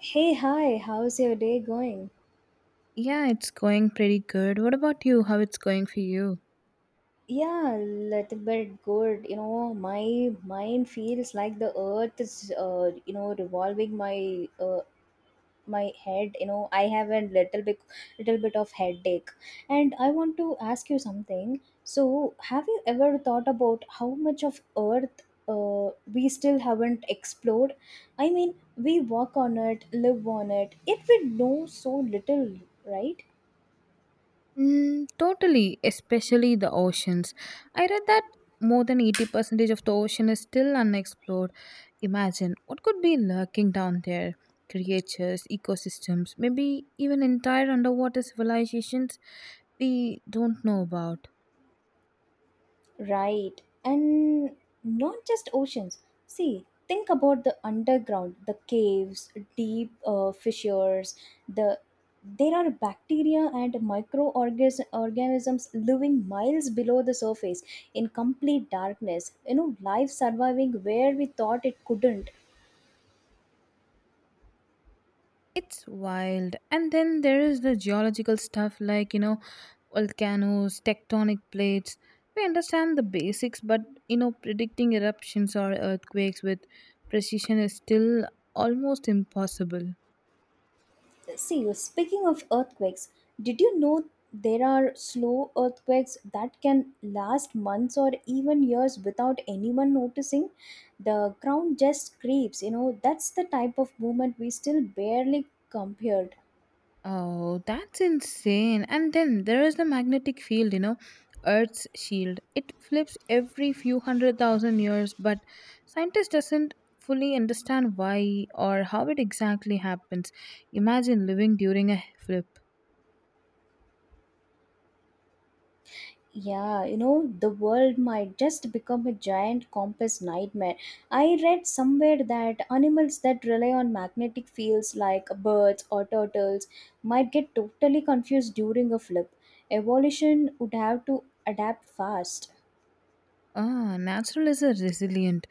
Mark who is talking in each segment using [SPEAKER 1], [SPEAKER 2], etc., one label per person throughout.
[SPEAKER 1] Hey, hi, how's your day going?
[SPEAKER 2] Yeah, it's going pretty good. What about you? How it's going for you?
[SPEAKER 1] Yeah, a little bit good. You know, my mind feels like the earth is, revolving my my head. I have a little bit of headache, and I want to ask you something. So, have you ever thought about how much of Earth we still haven't explored? I mean, we walk on it, live on it, yet we know so little, right?
[SPEAKER 2] Mm, totally, especially the oceans. I read that more than 80% of the ocean is still unexplored. Imagine what could be lurking down there. Creatures, ecosystems, maybe even entire underwater civilizations we don't know about.
[SPEAKER 1] Right. And not just oceans. See, think about the underground, the caves, deep fissures, the there are bacteria and microorganisms organisms living miles below the surface in complete darkness. You know, life surviving where we thought it couldn't.
[SPEAKER 2] It's wild. And then there is the geological stuff like, volcanoes, tectonic plates. We understand the basics, but, predicting eruptions or earthquakes with precision is still almost impossible.
[SPEAKER 1] See, speaking of earthquakes, did you know there are slow earthquakes that can last months or even years without anyone noticing? The ground just creeps, you know, that's the type of movement we still barely compare.
[SPEAKER 2] Oh, that's insane. And then there is the magnetic field, Earth's shield. It flips every few 100,000 years, but scientists doesn't fully understand why or how it exactly happens. Imagine living during a flip.
[SPEAKER 1] Yeah, you know, the world might just become a giant compass nightmare. I read somewhere that animals that rely on magnetic fields like birds or turtles might get totally confused during a flip. Evolution would have to adapt fast.
[SPEAKER 2] Ah, natural is a resilient.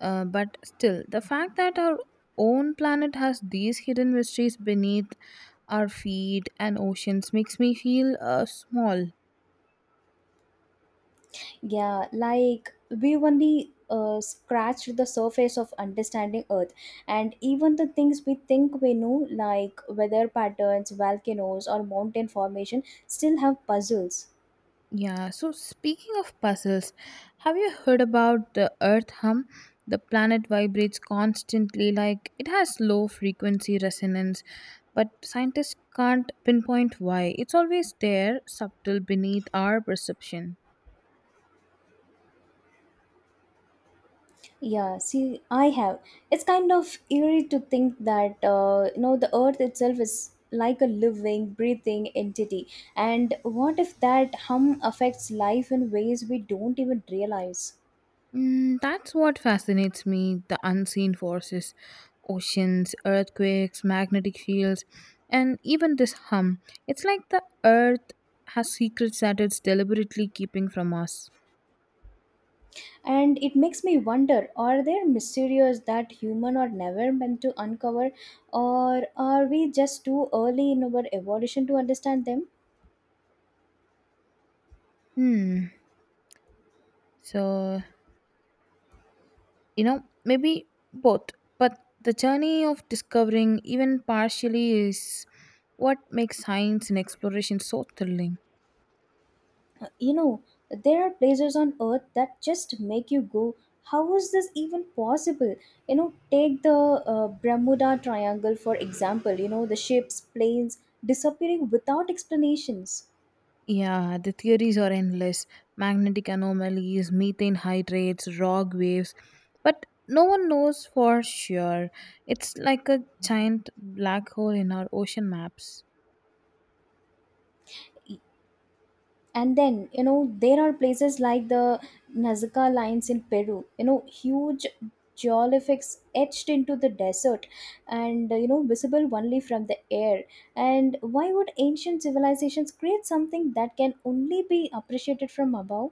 [SPEAKER 2] But still, the fact that our own planet has these hidden mysteries beneath our feet and oceans makes me feel small.
[SPEAKER 1] Yeah, like we've only scratched the surface of understanding Earth, and even the things we think we know, like weather patterns, volcanoes, or mountain formation, still have puzzles.
[SPEAKER 2] Yeah, so speaking of puzzles, have you heard about the Earth hum? The planet vibrates constantly, like it has low frequency resonance, but scientists can't pinpoint why. It's always there, subtle beneath our perception.
[SPEAKER 1] Yeah, see, I have. It's kind of eerie to think that you know the Earth itself is like a living, breathing entity. And what if that hum affects life in ways we don't even realize?
[SPEAKER 2] Mm, that's what fascinates me the unseen forces, oceans, earthquakes, magnetic fields, and even this hum. It's like the Earth has secrets that it's deliberately keeping from us.
[SPEAKER 1] And it makes me wonder: Are there mysteries that human are never meant to uncover, or are we just too early in our evolution to understand them?
[SPEAKER 2] Hmm. So, maybe both, but the journey of discovering, even partially, is what makes science and exploration so thrilling.
[SPEAKER 1] You know, there are places on earth that just make you go, how was this even possible? You know, take the Bermuda Triangle for example, you know, the ships, planes disappearing without explanations.
[SPEAKER 2] Yeah, the theories are endless magnetic anomalies, methane hydrates, rock waves, but no one knows for sure. It's like a giant black hole in our ocean maps.
[SPEAKER 1] And then you know there are places like the Nazca lines in Peru, you know, huge geolithics etched into the desert, and you know visible only from the air. And why would ancient civilizations create something that can only be appreciated from above?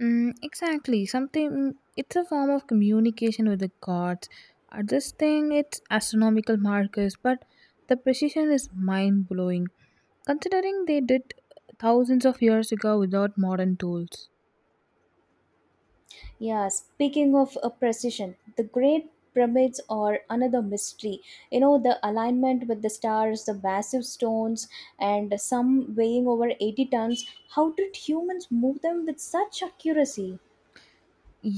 [SPEAKER 2] Mm, exactly. Something mm, it's a form of communication with the gods. This thing it's astronomical markers, but the precision is mind blowing. Considering they did thousands of years ago without modern tools.
[SPEAKER 1] Yeah, speaking of precision, the Great Pyramids are another mystery. You know, the alignment with the stars, the massive stones, and some weighing over 80 tons. How did humans move them with such accuracy?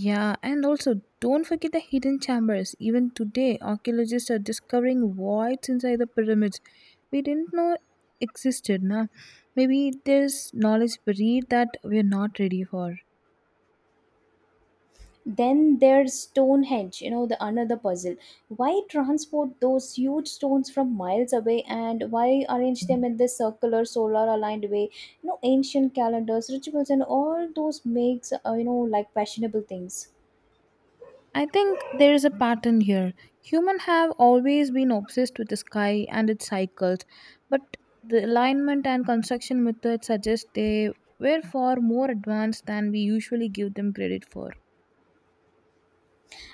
[SPEAKER 2] Yeah, and also don't forget the hidden chambers. Even today, archaeologists are discovering voids inside the pyramids we didn't know existed. Now, maybe there's knowledge buried that we're not ready for.
[SPEAKER 1] Then there's Stonehenge, you know, the another puzzle. Why transport those huge stones from miles away and why arrange them in this circular, solar aligned way? You know, ancient calendars, rituals, and all those makes, you know, like fashionable things.
[SPEAKER 2] I think there is a pattern here. Humans have always been obsessed with the sky and its cycles, but the alignment and construction methods suggest they were far more advanced than we usually give them credit for.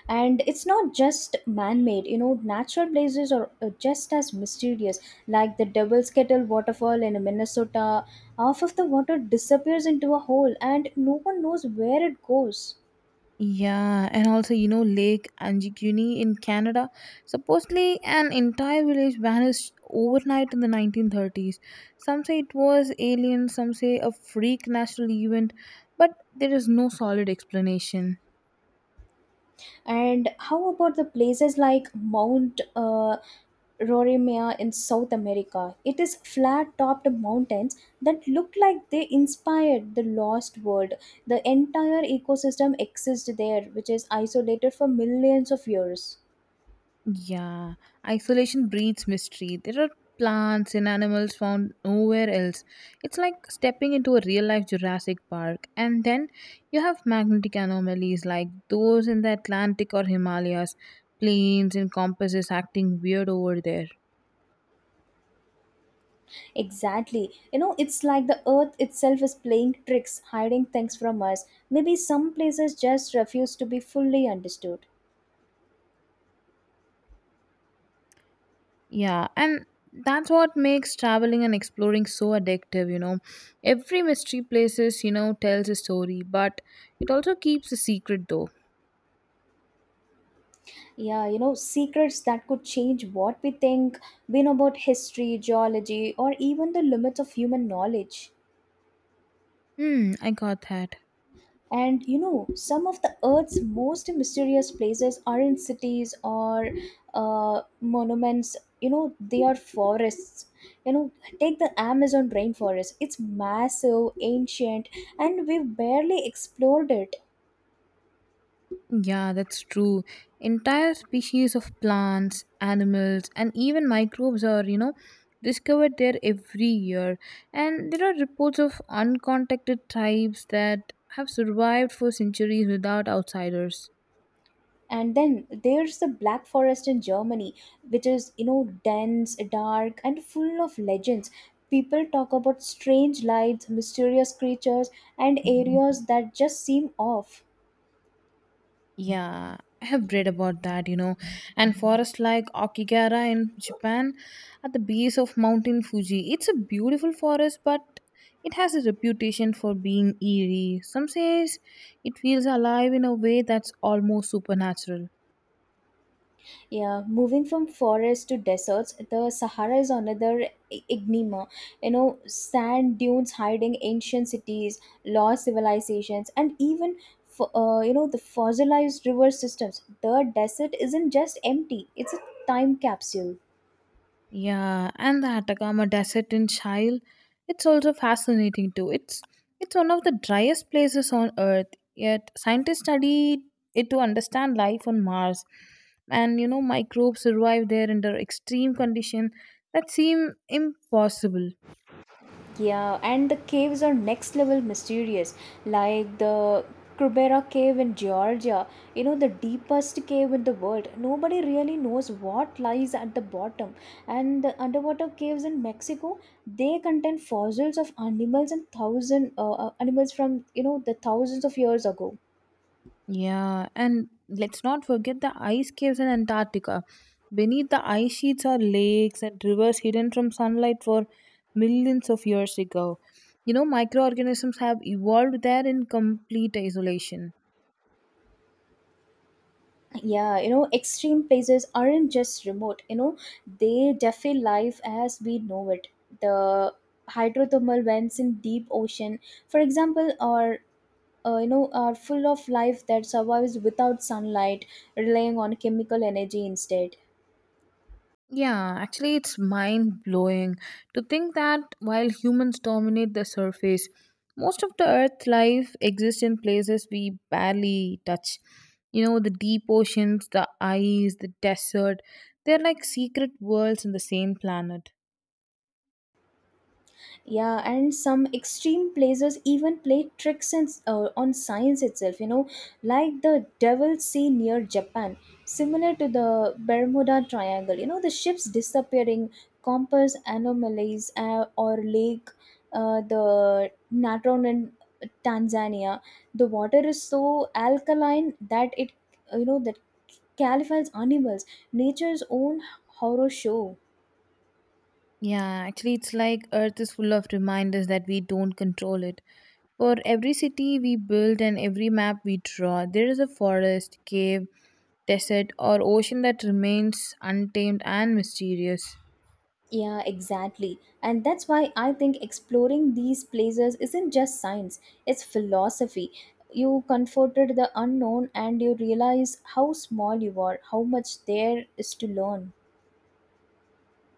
[SPEAKER 1] And it's not just man-made, you know, natural places are just as mysterious, like the Devil's Kettle waterfall in Minnesota. Half of the water disappears into a hole and no one knows where it goes.
[SPEAKER 2] Yeah, and also you know Lake Anjikuni in Canada. Supposedly, an entire village vanished overnight in the 1930s. Some say it was alien, some say a freak natural event, but there is no solid explanation.
[SPEAKER 1] And how about the places like mount Roraima in South America. It is flat topped mountains that look like they inspired the lost world. The entire ecosystem exists there, which is isolated for millions of years.
[SPEAKER 2] Yeah, isolation breeds mystery. There are plants and animals found nowhere else. It's like stepping into a real life Jurassic Park. And then you have magnetic anomalies like those in the Atlantic or Himalayas, planes and compasses acting weird over there.
[SPEAKER 1] Exactly. You know, it's like the earth itself is playing tricks, hiding things from us. Maybe some places just refuse to be fully understood.
[SPEAKER 2] Yeah, and that's what makes traveling and exploring so addictive, you know. Every mystery places, tells a story, but it also keeps a secret though.
[SPEAKER 1] Yeah, you know, secrets that could change what we think, we know about history, geology, or even the limits of human knowledge.
[SPEAKER 2] Hmm, I got that.
[SPEAKER 1] And you know, some of the Earth's most mysterious places aren't cities or monuments. You know, they are forests. You know, take the Amazon rainforest. It's massive, ancient, and we've barely explored it.
[SPEAKER 2] Yeah, that's true. Entire species of plants, animals, and even microbes are, discovered there every year. And there are reports of uncontacted tribes that have survived for centuries without outsiders.
[SPEAKER 1] And then there's the Black Forest in Germany, which is, you know, dense, dark, and full of legends. People talk about strange lights, mysterious creatures, and areas that just seem off.
[SPEAKER 2] Yeah, I have read about that, you know. And forests like Okigara in Japan at the base of Mountain Fuji. It's a beautiful forest, but it has a reputation for being eerie. Some says it feels alive in a way that's almost supernatural.
[SPEAKER 1] Yeah, moving from forests to deserts, the Sahara is another enigma. You know, sand dunes hiding ancient cities, lost civilizations, and even you know, the fossilized river systems. The desert isn't just empty, it's a time capsule.
[SPEAKER 2] Yeah, and the Atacama Desert in Chile, it's also fascinating too. It's one of the driest places on Earth, yet scientists study it to understand life on Mars. And you know, microbes survive there under extreme conditions that seem impossible.
[SPEAKER 1] Yeah, and the caves are next level mysterious, like the Krubera cave in Georgia, you know, the deepest cave in the world. Nobody really knows what lies at the bottom. And the underwater caves in Mexico, they contain fossils of animals and thousand animals from, you know, the thousands of years ago.
[SPEAKER 2] Yeah, and let's not forget the ice caves in Antarctica. Beneath the ice sheets are lakes and rivers hidden from sunlight for millions of years ago. You know, microorganisms have evolved there in complete isolation.
[SPEAKER 1] Yeah, you know, extreme places aren't just remote, you know, they defy life as we know it. The hydrothermal vents in deep ocean, for example, are you know, are full of life that survives without sunlight, relying on chemical energy instead.
[SPEAKER 2] Yeah, actually, it's mind blowing to think that while humans dominate the surface, most of the Earth life exists in places we barely touch. You know, the deep oceans, the ice, the desert, they're like secret worlds in the same planet.
[SPEAKER 1] Yeah, and some extreme places even play tricks and, on science itself, you know, like the devil sea near Japan, similar to the Bermuda Triangle. You know, the ships disappearing, compass anomalies, or lake the Natron in Tanzania. The water is so alkaline that it, you know, that califies animals. Nature's own horror show.
[SPEAKER 2] Yeah, actually, it's like Earth is full of reminders that we don't control it. For every city we build and every map we draw, there is a forest, cave, desert, or ocean that remains untamed and mysterious.
[SPEAKER 1] Yeah, exactly. And that's why I think exploring these places isn't just science, it's philosophy. You confronted the unknown and you realize how small you are, how much there is to learn.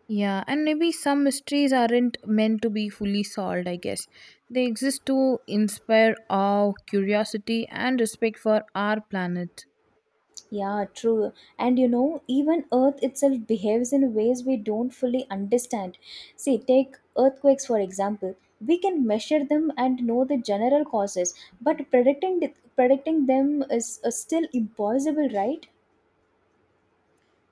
[SPEAKER 2] Yeah, and maybe some mysteries aren't meant to be fully solved, I guess. They exist to inspire awe, curiosity, and respect for our planet.
[SPEAKER 1] Yeah, true. And you know, even Earth itself behaves in ways we don't fully understand. See, take earthquakes for example. We can measure them and know the general causes, but predicting them is still impossible, right?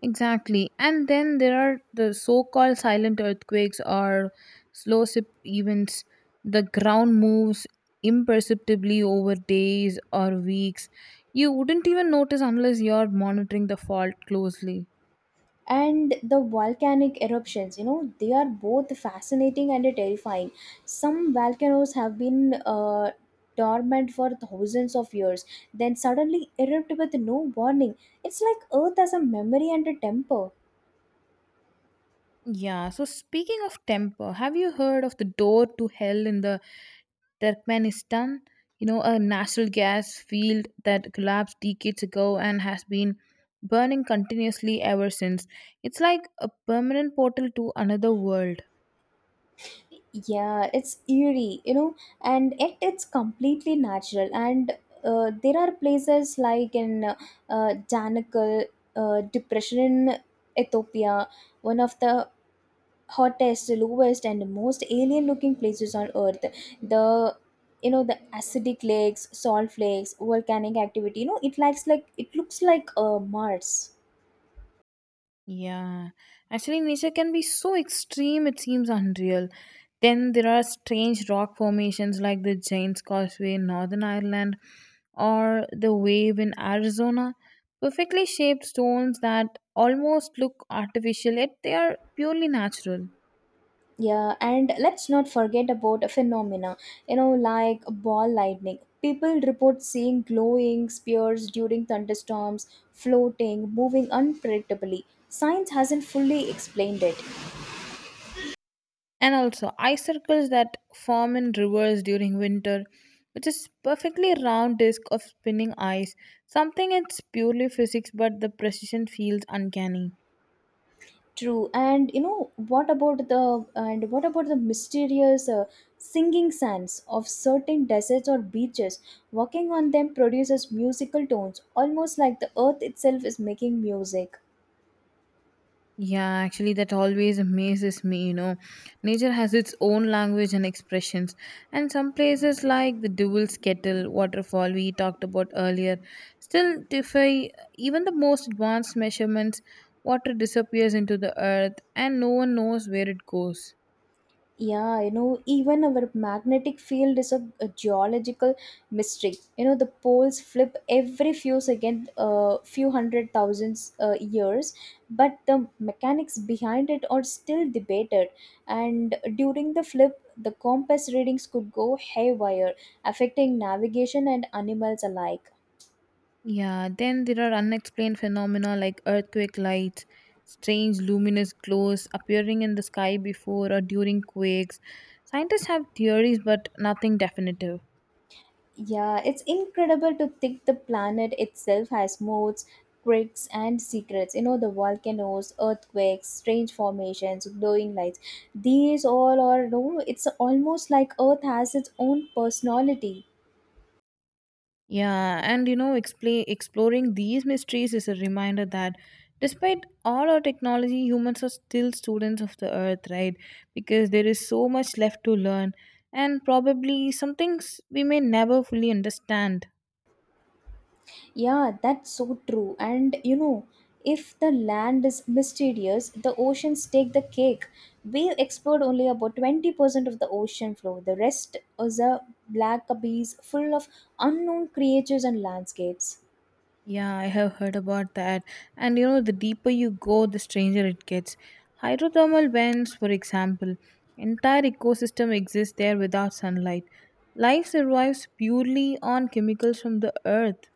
[SPEAKER 2] Exactly. And then there are the so called silent earthquakes or slow slip events. The ground moves imperceptibly over days or weeks. You wouldn't even notice unless you're monitoring the fault closely.
[SPEAKER 1] And the volcanic eruptions, you know, they are both fascinating and terrifying. Some volcanoes have been dormant for thousands of years, then suddenly erupt with no warning. It's like earth has a memory and a temper.
[SPEAKER 2] Yeah, so speaking of temper, have you heard of the door to hell in the Turkmenistan, you know, a natural gas field that collapsed decades ago and has been burning continuously ever since. It's like a permanent portal to another world.
[SPEAKER 1] Yeah, it's eerie, you know, and yet it's completely natural. And there are places like in Danakil depression in Ethiopia, one of the hottest, lowest, and most alien-looking places on Earth. The You know, the acidic lakes, salt flakes, volcanic activity. You know, it likes like it looks like Mars.
[SPEAKER 2] Yeah, actually, nature can be so extreme it seems unreal. Then there are strange rock formations like the Giant's Causeway in Northern Ireland or the Wave in Arizona. Perfectly shaped stones that almost look artificial, yet they are purely natural.
[SPEAKER 1] Yeah, and let's not forget about a phenomena. You know, like ball lightning. People report seeing glowing spears during thunderstorms, floating, moving unpredictably. Science hasn't fully explained it.
[SPEAKER 2] And also, ice circles that form in rivers during winter, which is perfectly round disk of spinning ice. Something it's purely physics, but the precision feels uncanny.
[SPEAKER 1] True, and you know what about the and what about the mysterious singing sands of certain deserts or beaches? Walking on them produces musical tones, almost like the earth itself is making music.
[SPEAKER 2] Yeah, actually, that always amazes me. You know, nature has its own language and expressions, and some places like the Devil's Kettle waterfall we talked about earlier still defy even the most advanced measurements. Water disappears into the earth, and no one knows where it goes.
[SPEAKER 1] Yeah, you know, even our magnetic field is a geological mystery. You know, the poles flip every few second, few hundred thousands years, but the mechanics behind it are still debated. And during the flip, the compass readings could go haywire, affecting navigation and animals alike.
[SPEAKER 2] Yeah, then there are unexplained phenomena like earthquake lights, strange luminous glows appearing in the sky before or during quakes. Scientists have theories, but nothing definitive.
[SPEAKER 1] Yeah, it's incredible to think the planet itself has modes, quirks, and secrets. You know, the volcanoes, earthquakes, strange formations, glowing lights. These all are, no, it's almost like Earth has its own personality.
[SPEAKER 2] Yeah, and you know, explain, exploring these mysteries is a reminder that despite all our technology, humans are still students of the earth, right? Because there is so much left to learn, and probably some things we may never fully understand.
[SPEAKER 1] Yeah, that's so true. And you know, if the land is mysterious, the oceans take the cake. We've explored only about 20% of the ocean floor. The rest is a black abyss full of unknown creatures and landscapes.
[SPEAKER 2] Yeah, I have heard about that. And you know, the deeper you go, the stranger it gets. Hydrothermal vents, for example, entire ecosystem exists there without sunlight. Life survives purely on chemicals from the earth.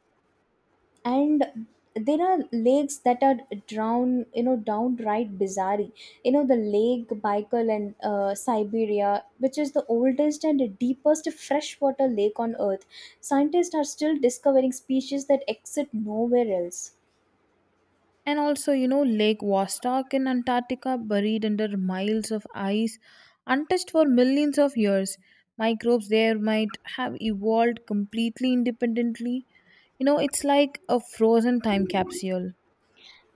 [SPEAKER 1] And there are lakes that are drown, you know, downright bizarre. You know, the Lake Baikal in Siberia, which is the oldest and deepest freshwater lake on earth. Scientists are still discovering species that exist nowhere else.
[SPEAKER 2] And also, you know, Lake Vostok in Antarctica, buried under miles of ice, untouched for millions of years. Microbes there might have evolved completely independently. You know, it's like a frozen time capsule.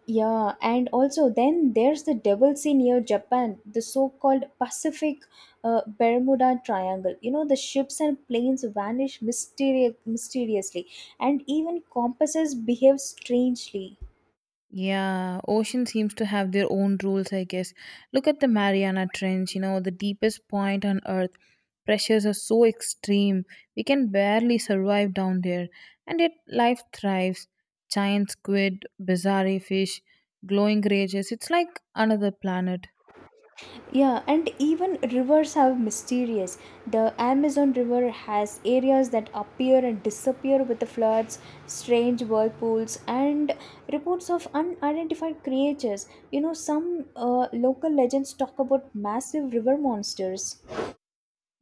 [SPEAKER 1] Yeah, and also then there's the devil sea near Japan, the so-called Pacific Bermuda Triangle. You know, the ships and planes vanish mysteriously, and even compasses behave strangely.
[SPEAKER 2] Yeah, ocean seems to have their own rules, I guess. Look at the Mariana Trench, you know, the deepest point on Earth. Pressures are so extreme, we can barely survive down there. And yet, life thrives. Giant squid, bizarre fish, glowing rages. It's like another planet.
[SPEAKER 1] Yeah, and even rivers are mysterious. The Amazon River has areas that appear and disappear with the floods, strange whirlpools, and reports of unidentified creatures. You know, some local legends talk about massive river monsters.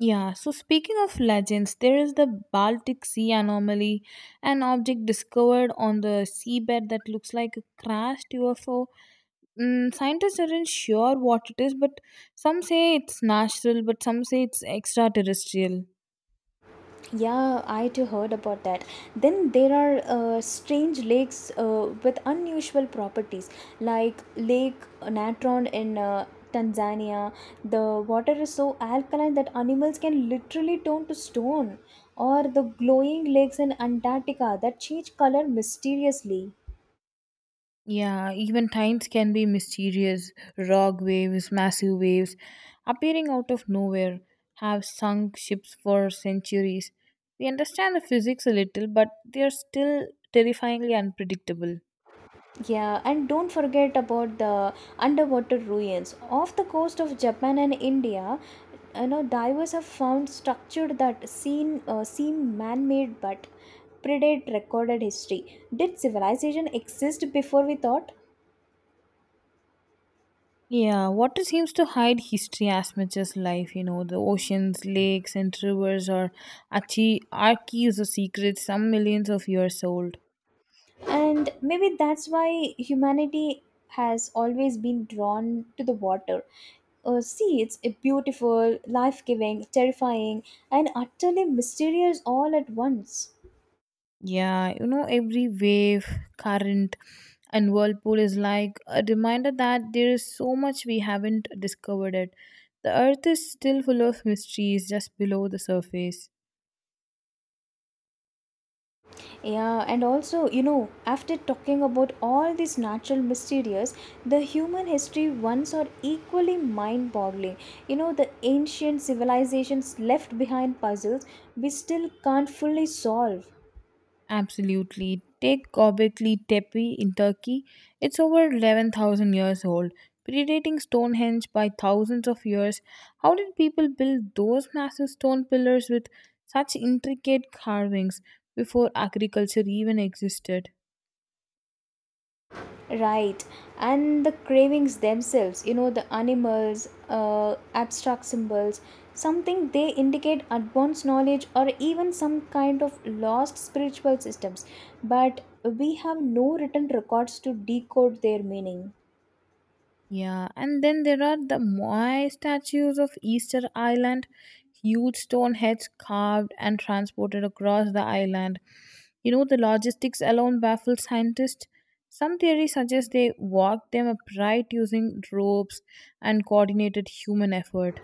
[SPEAKER 2] Yeah, so speaking of legends, there is the Baltic Sea anomaly, an object discovered on the seabed that looks like a crashed UFO. Mm, scientists aren't sure what it is, but some say it's natural, but some say it's extraterrestrial.
[SPEAKER 1] Yeah, I too heard about that. Then there are strange lakes with unusual properties, like Lake Natron in Tanzania. The water is so alkaline that animals can literally turn to stone, or the glowing lakes in Antarctica that change color mysteriously.
[SPEAKER 2] Yeah, even times can be mysterious. Rock waves, massive waves appearing out of nowhere have sunk ships for centuries. We understand the physics a little, but they are still terrifyingly unpredictable.
[SPEAKER 1] Yeah, and don't forget about the underwater ruins. Off the coast of Japan and India, you know, divers have found structure that seem man-made but predate recorded history. Did civilization exist before we thought?
[SPEAKER 2] Yeah, water seems to hide history as much as life. You know, the oceans, lakes, and rivers are archives of secrets, some millions of years old.
[SPEAKER 1] And maybe that's why humanity has always been drawn to the water. See, it's a beautiful, life-giving, terrifying, and utterly mysterious all at once.
[SPEAKER 2] Yeah, you know, every wave, current, and whirlpool is like a reminder that there is so much we haven't discovered It, the earth is still full of mysteries just below the surface.
[SPEAKER 1] Yeah, and also, you know, after talking about all these natural mysteries, the human history ones are equally mind boggling. You know, the ancient civilizations left behind puzzles we still can't fully solve.
[SPEAKER 2] Absolutely. Take Göbekli Tepe in Turkey. It's over 11,000 years old, predating Stonehenge by thousands of years. How did people build those massive stone pillars with such intricate carvings before agriculture even existed?
[SPEAKER 1] Right, and the cravings themselves, you know, the animals, abstract symbols, something they indicate advanced knowledge or even some kind of lost spiritual systems, but we have no written records to decode their meaning.
[SPEAKER 2] Yeah, and then there are the Moai statues of Easter Island, huge stone heads carved and transported across the island. You know, the logistics alone baffles scientists. Some theories suggest they walked them upright using ropes and coordinated human effort.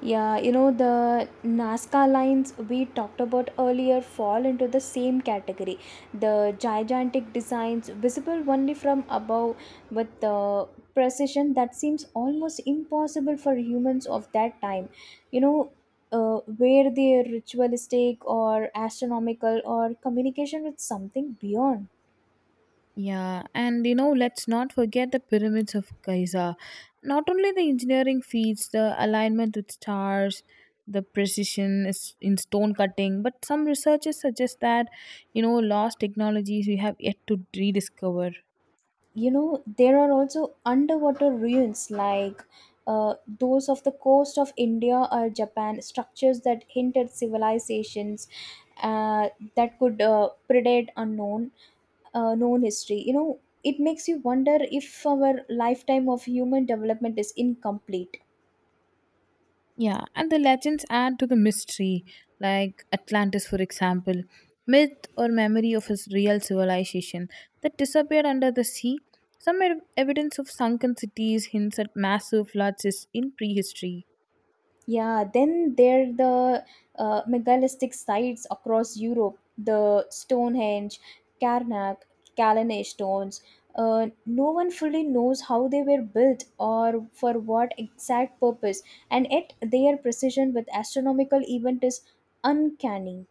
[SPEAKER 1] Yeah, you know, the Nazca lines we talked about earlier fall into the same category. The gigantic designs, visible only from above, with the precision that seems almost impossible for humans of that time. You know, where they're ritualistic or astronomical or communication with something beyond.
[SPEAKER 2] Yeah, and you know, let's not forget the pyramids of Giza. Not only the engineering feats, the alignment with stars, the precision is in stone cutting, but some researchers suggest that, lost technologies we have yet to rediscover.
[SPEAKER 1] You know, there are also underwater ruins like those of the coast of India or Japan, structures that hint at civilizations uh, that could predate unknown known history. It makes you wonder if our lifetime of human development is incomplete.
[SPEAKER 2] Yeah, and the legends add to the mystery, like Atlantis, for example, myth or memory of a real civilization that disappeared under the sea. Some evidence of sunken cities hints at massive floods is in prehistory.
[SPEAKER 1] Yeah, then there the megalithic sites across Europe, the Stonehenge, Karnak, Kalanay stones. No one fully knows how they were built or for what exact purpose, and yet their precision with astronomical event is uncanny.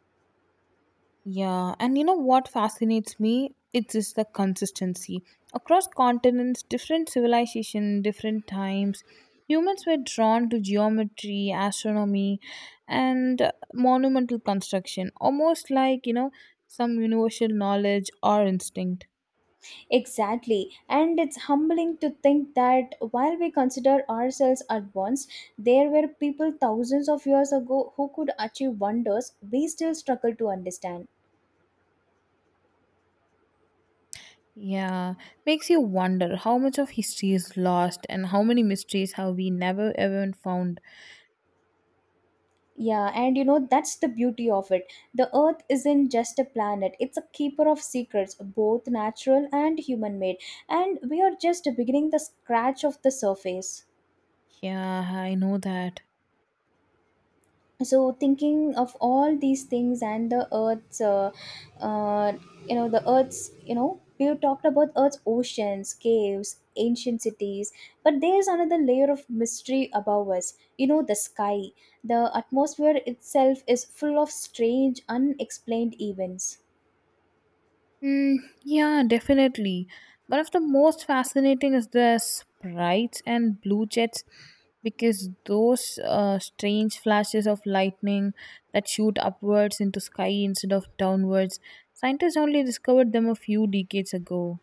[SPEAKER 2] Yeah, and you know what fascinates me? It's just the consistency. Across continents, different civilization, different times, humans were drawn to geometry, astronomy, and monumental construction, almost like, some universal knowledge or instinct.
[SPEAKER 1] Exactly, and it's humbling to think that while we consider ourselves advanced, there were people thousands of years ago who could achieve wonders we still struggle to understand.
[SPEAKER 2] Yeah, makes you wonder how much of history is lost and how many mysteries have we never even found.
[SPEAKER 1] Yeah, and you know, that's the beauty of it. The Earth isn't just a planet, it's a keeper of secrets, both natural and human made. And we are just beginning the scratch of the surface.
[SPEAKER 2] Yeah, I know that.
[SPEAKER 1] So thinking of all these things and the uh, earth's, we talked about earth's oceans, caves, ancient cities, but there's another layer of mystery above us, you know, the sky. The atmosphere itself is full of strange unexplained events.
[SPEAKER 2] Mm, yeah, definitely. One of the most fascinating is the sprites and blue jets because those strange flashes of lightning that shoot upwards into sky instead of downwards, scientists only discovered them a few decades ago.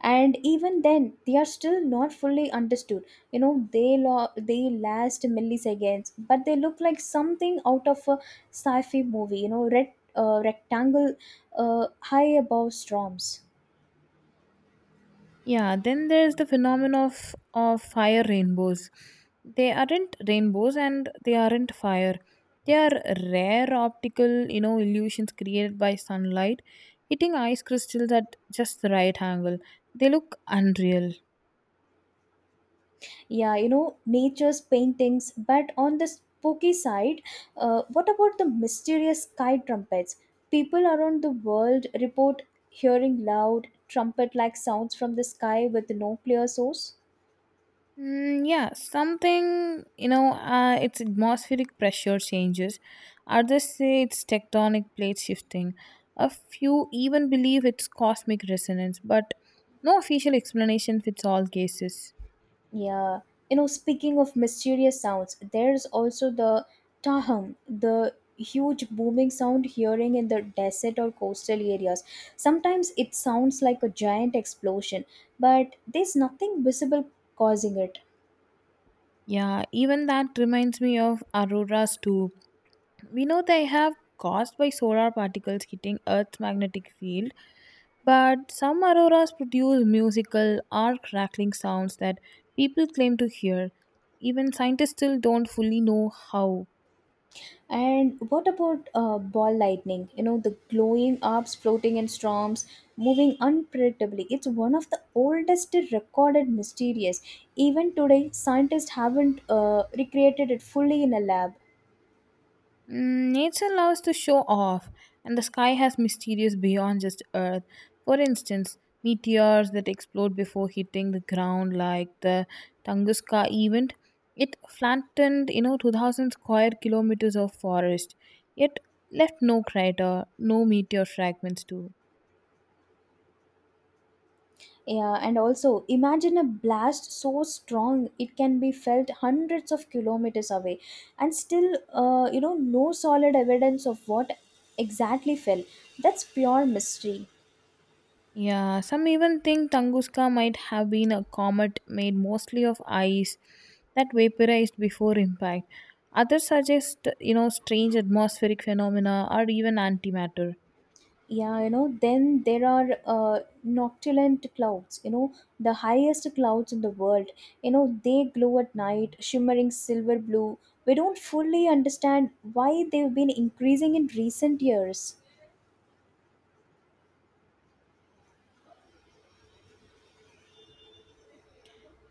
[SPEAKER 1] And even then they are still not fully understood. You know, they last milliseconds, but they look like something out of a sci-fi movie, you know, red rectangle high above storms.
[SPEAKER 2] Yeah, then there's the phenomenon of fire rainbows. They aren't rainbows and they aren't fire. They are rare optical, illusions created by sunlight hitting ice crystals at just the right angle. They look unreal.
[SPEAKER 1] Yeah, you know, nature's paintings, but on the spooky side, what about the mysterious sky trumpets? People around the world report hearing loud trumpet like sounds from the sky with no clear source.
[SPEAKER 2] Mm, yeah, something you know. It's atmospheric pressure changes. Others say it's tectonic plate shifting. A few even believe it's cosmic resonance, but no official explanation fits all cases.
[SPEAKER 1] Yeah, you know, speaking of mysterious sounds, there's also the taham, the huge booming sound hearing in the desert or coastal areas. Sometimes it sounds like a giant explosion, but there's nothing visible causing it.
[SPEAKER 2] Yeah, even that reminds me of auroras too. We know they have caused by solar particles hitting Earth's magnetic field, but some auroras produce musical or crackling sounds that people claim to hear. Even scientists still don't fully know how.
[SPEAKER 1] And what about ball lightning? You know, the glowing orbs floating in storms, moving unpredictably. It's one of the oldest recorded mysterious. Even today, scientists haven't recreated it fully in a lab.
[SPEAKER 2] Mm, nature loves to show off, and the sky has mysterious beyond just Earth. For instance, meteors that explode before hitting the ground, like the Tunguska event, it flattened, you know, 2,000 square kilometers of forest, yet left no crater, no meteor fragments too.
[SPEAKER 1] Yeah, and also imagine a blast so strong it can be felt hundreds of kilometers away, and still, you know, no solid evidence of what exactly fell. That's pure mystery.
[SPEAKER 2] Yeah, some even think Tunguska might have been a comet made mostly of ice that vaporized before impact. Others suggest, strange atmospheric phenomena or even antimatter.
[SPEAKER 1] Yeah, you know, then there are noctulant clouds, you know, the highest clouds in the world. You know, they glow at night, shimmering silver blue. We don't fully understand why they've been increasing in recent years.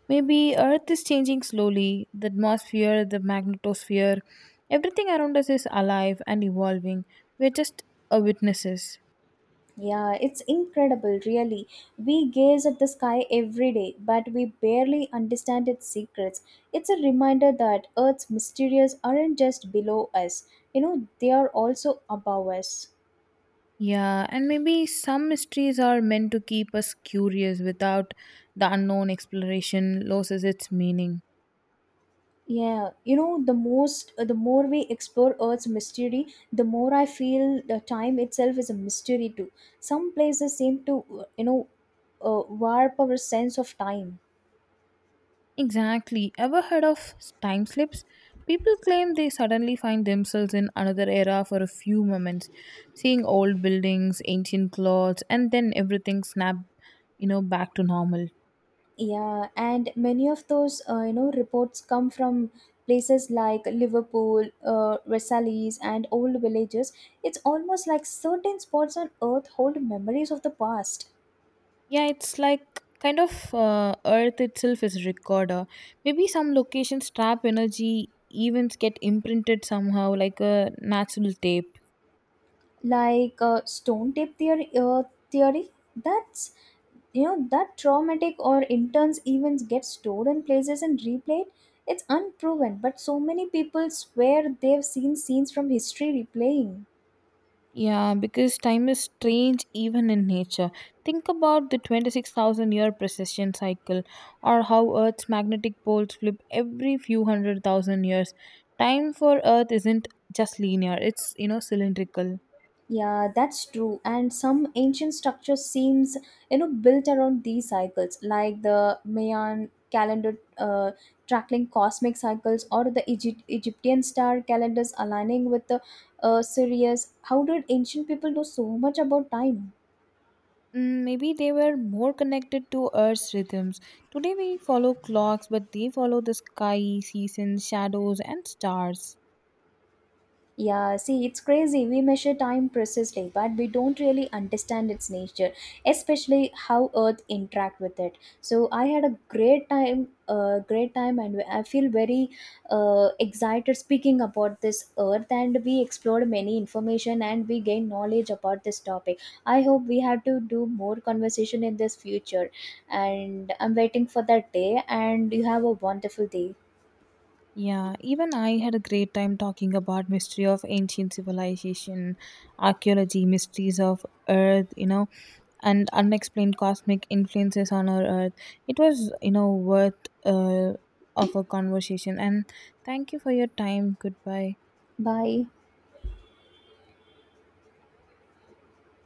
[SPEAKER 2] Maybe Earth is changing slowly, the atmosphere, the magnetosphere, everything around us is alive and evolving. We're just a witnesses.
[SPEAKER 1] Yeah, it's incredible, really. We gaze at the sky every day, but we barely understand its secrets. It's a reminder that Earth's mysteries aren't just below us, you know, they are also above us.
[SPEAKER 2] Yeah, and maybe some mysteries are meant to keep us curious without the unknown exploration loses its meaning.
[SPEAKER 1] Yeah, you know, the more we explore Earth's mystery, the more I feel the time itself is a mystery too. Some places seem to, warp our sense of time.
[SPEAKER 2] Exactly. Ever heard of time slips? People claim they suddenly find themselves in another era for a few moments, seeing old buildings, ancient clothes, and then everything snap, back to normal.
[SPEAKER 1] Yeah, and many of those reports come from places like Liverpool, Versailles, and old villages. It's almost like certain spots on Earth hold memories of the past,
[SPEAKER 2] Yeah, it's like kind of Earth itself is a recorder. Maybe some locations trap energy, events get imprinted somehow, like a natural tape.
[SPEAKER 1] like stone tape theory. Theory that's you know that traumatic or intense events get stored in places and replayed. It's unproven, but so many people swear they've seen scenes from history replaying.
[SPEAKER 2] Yeah, because time is strange even in nature. Think about the 26,000 year precession cycle or how Earth's magnetic poles flip every few 100,000 years. Time for Earth isn't just linear, it's, cylindrical.
[SPEAKER 1] Yeah, that's true. And some ancient structure seems, you know, built around these cycles, like the Mayan calendar tracking cosmic cycles, or the Egyptian star calendars aligning with the Sirius. How did ancient people know so much about time?
[SPEAKER 2] Mm, maybe they were more connected to Earth's rhythms. Today we follow clocks, but they follow the sky, seasons, shadows, and stars.
[SPEAKER 1] Yeah, see, it's crazy. We measure time precisely, but we don't really understand its nature, especially how Earth interact with it. So I had a great time, and I feel very excited speaking about this Earth. And we explored many information and we gained knowledge about this topic. I hope we have to do more conversation in this future, and I'm waiting for that day. And you have a wonderful day.
[SPEAKER 2] Yeah, even I had a great time talking about mystery of ancient civilization, archaeology, mysteries of earth, and unexplained cosmic influences on our earth. It was, worth of a conversation and thank you for your time. Goodbye.
[SPEAKER 1] Bye.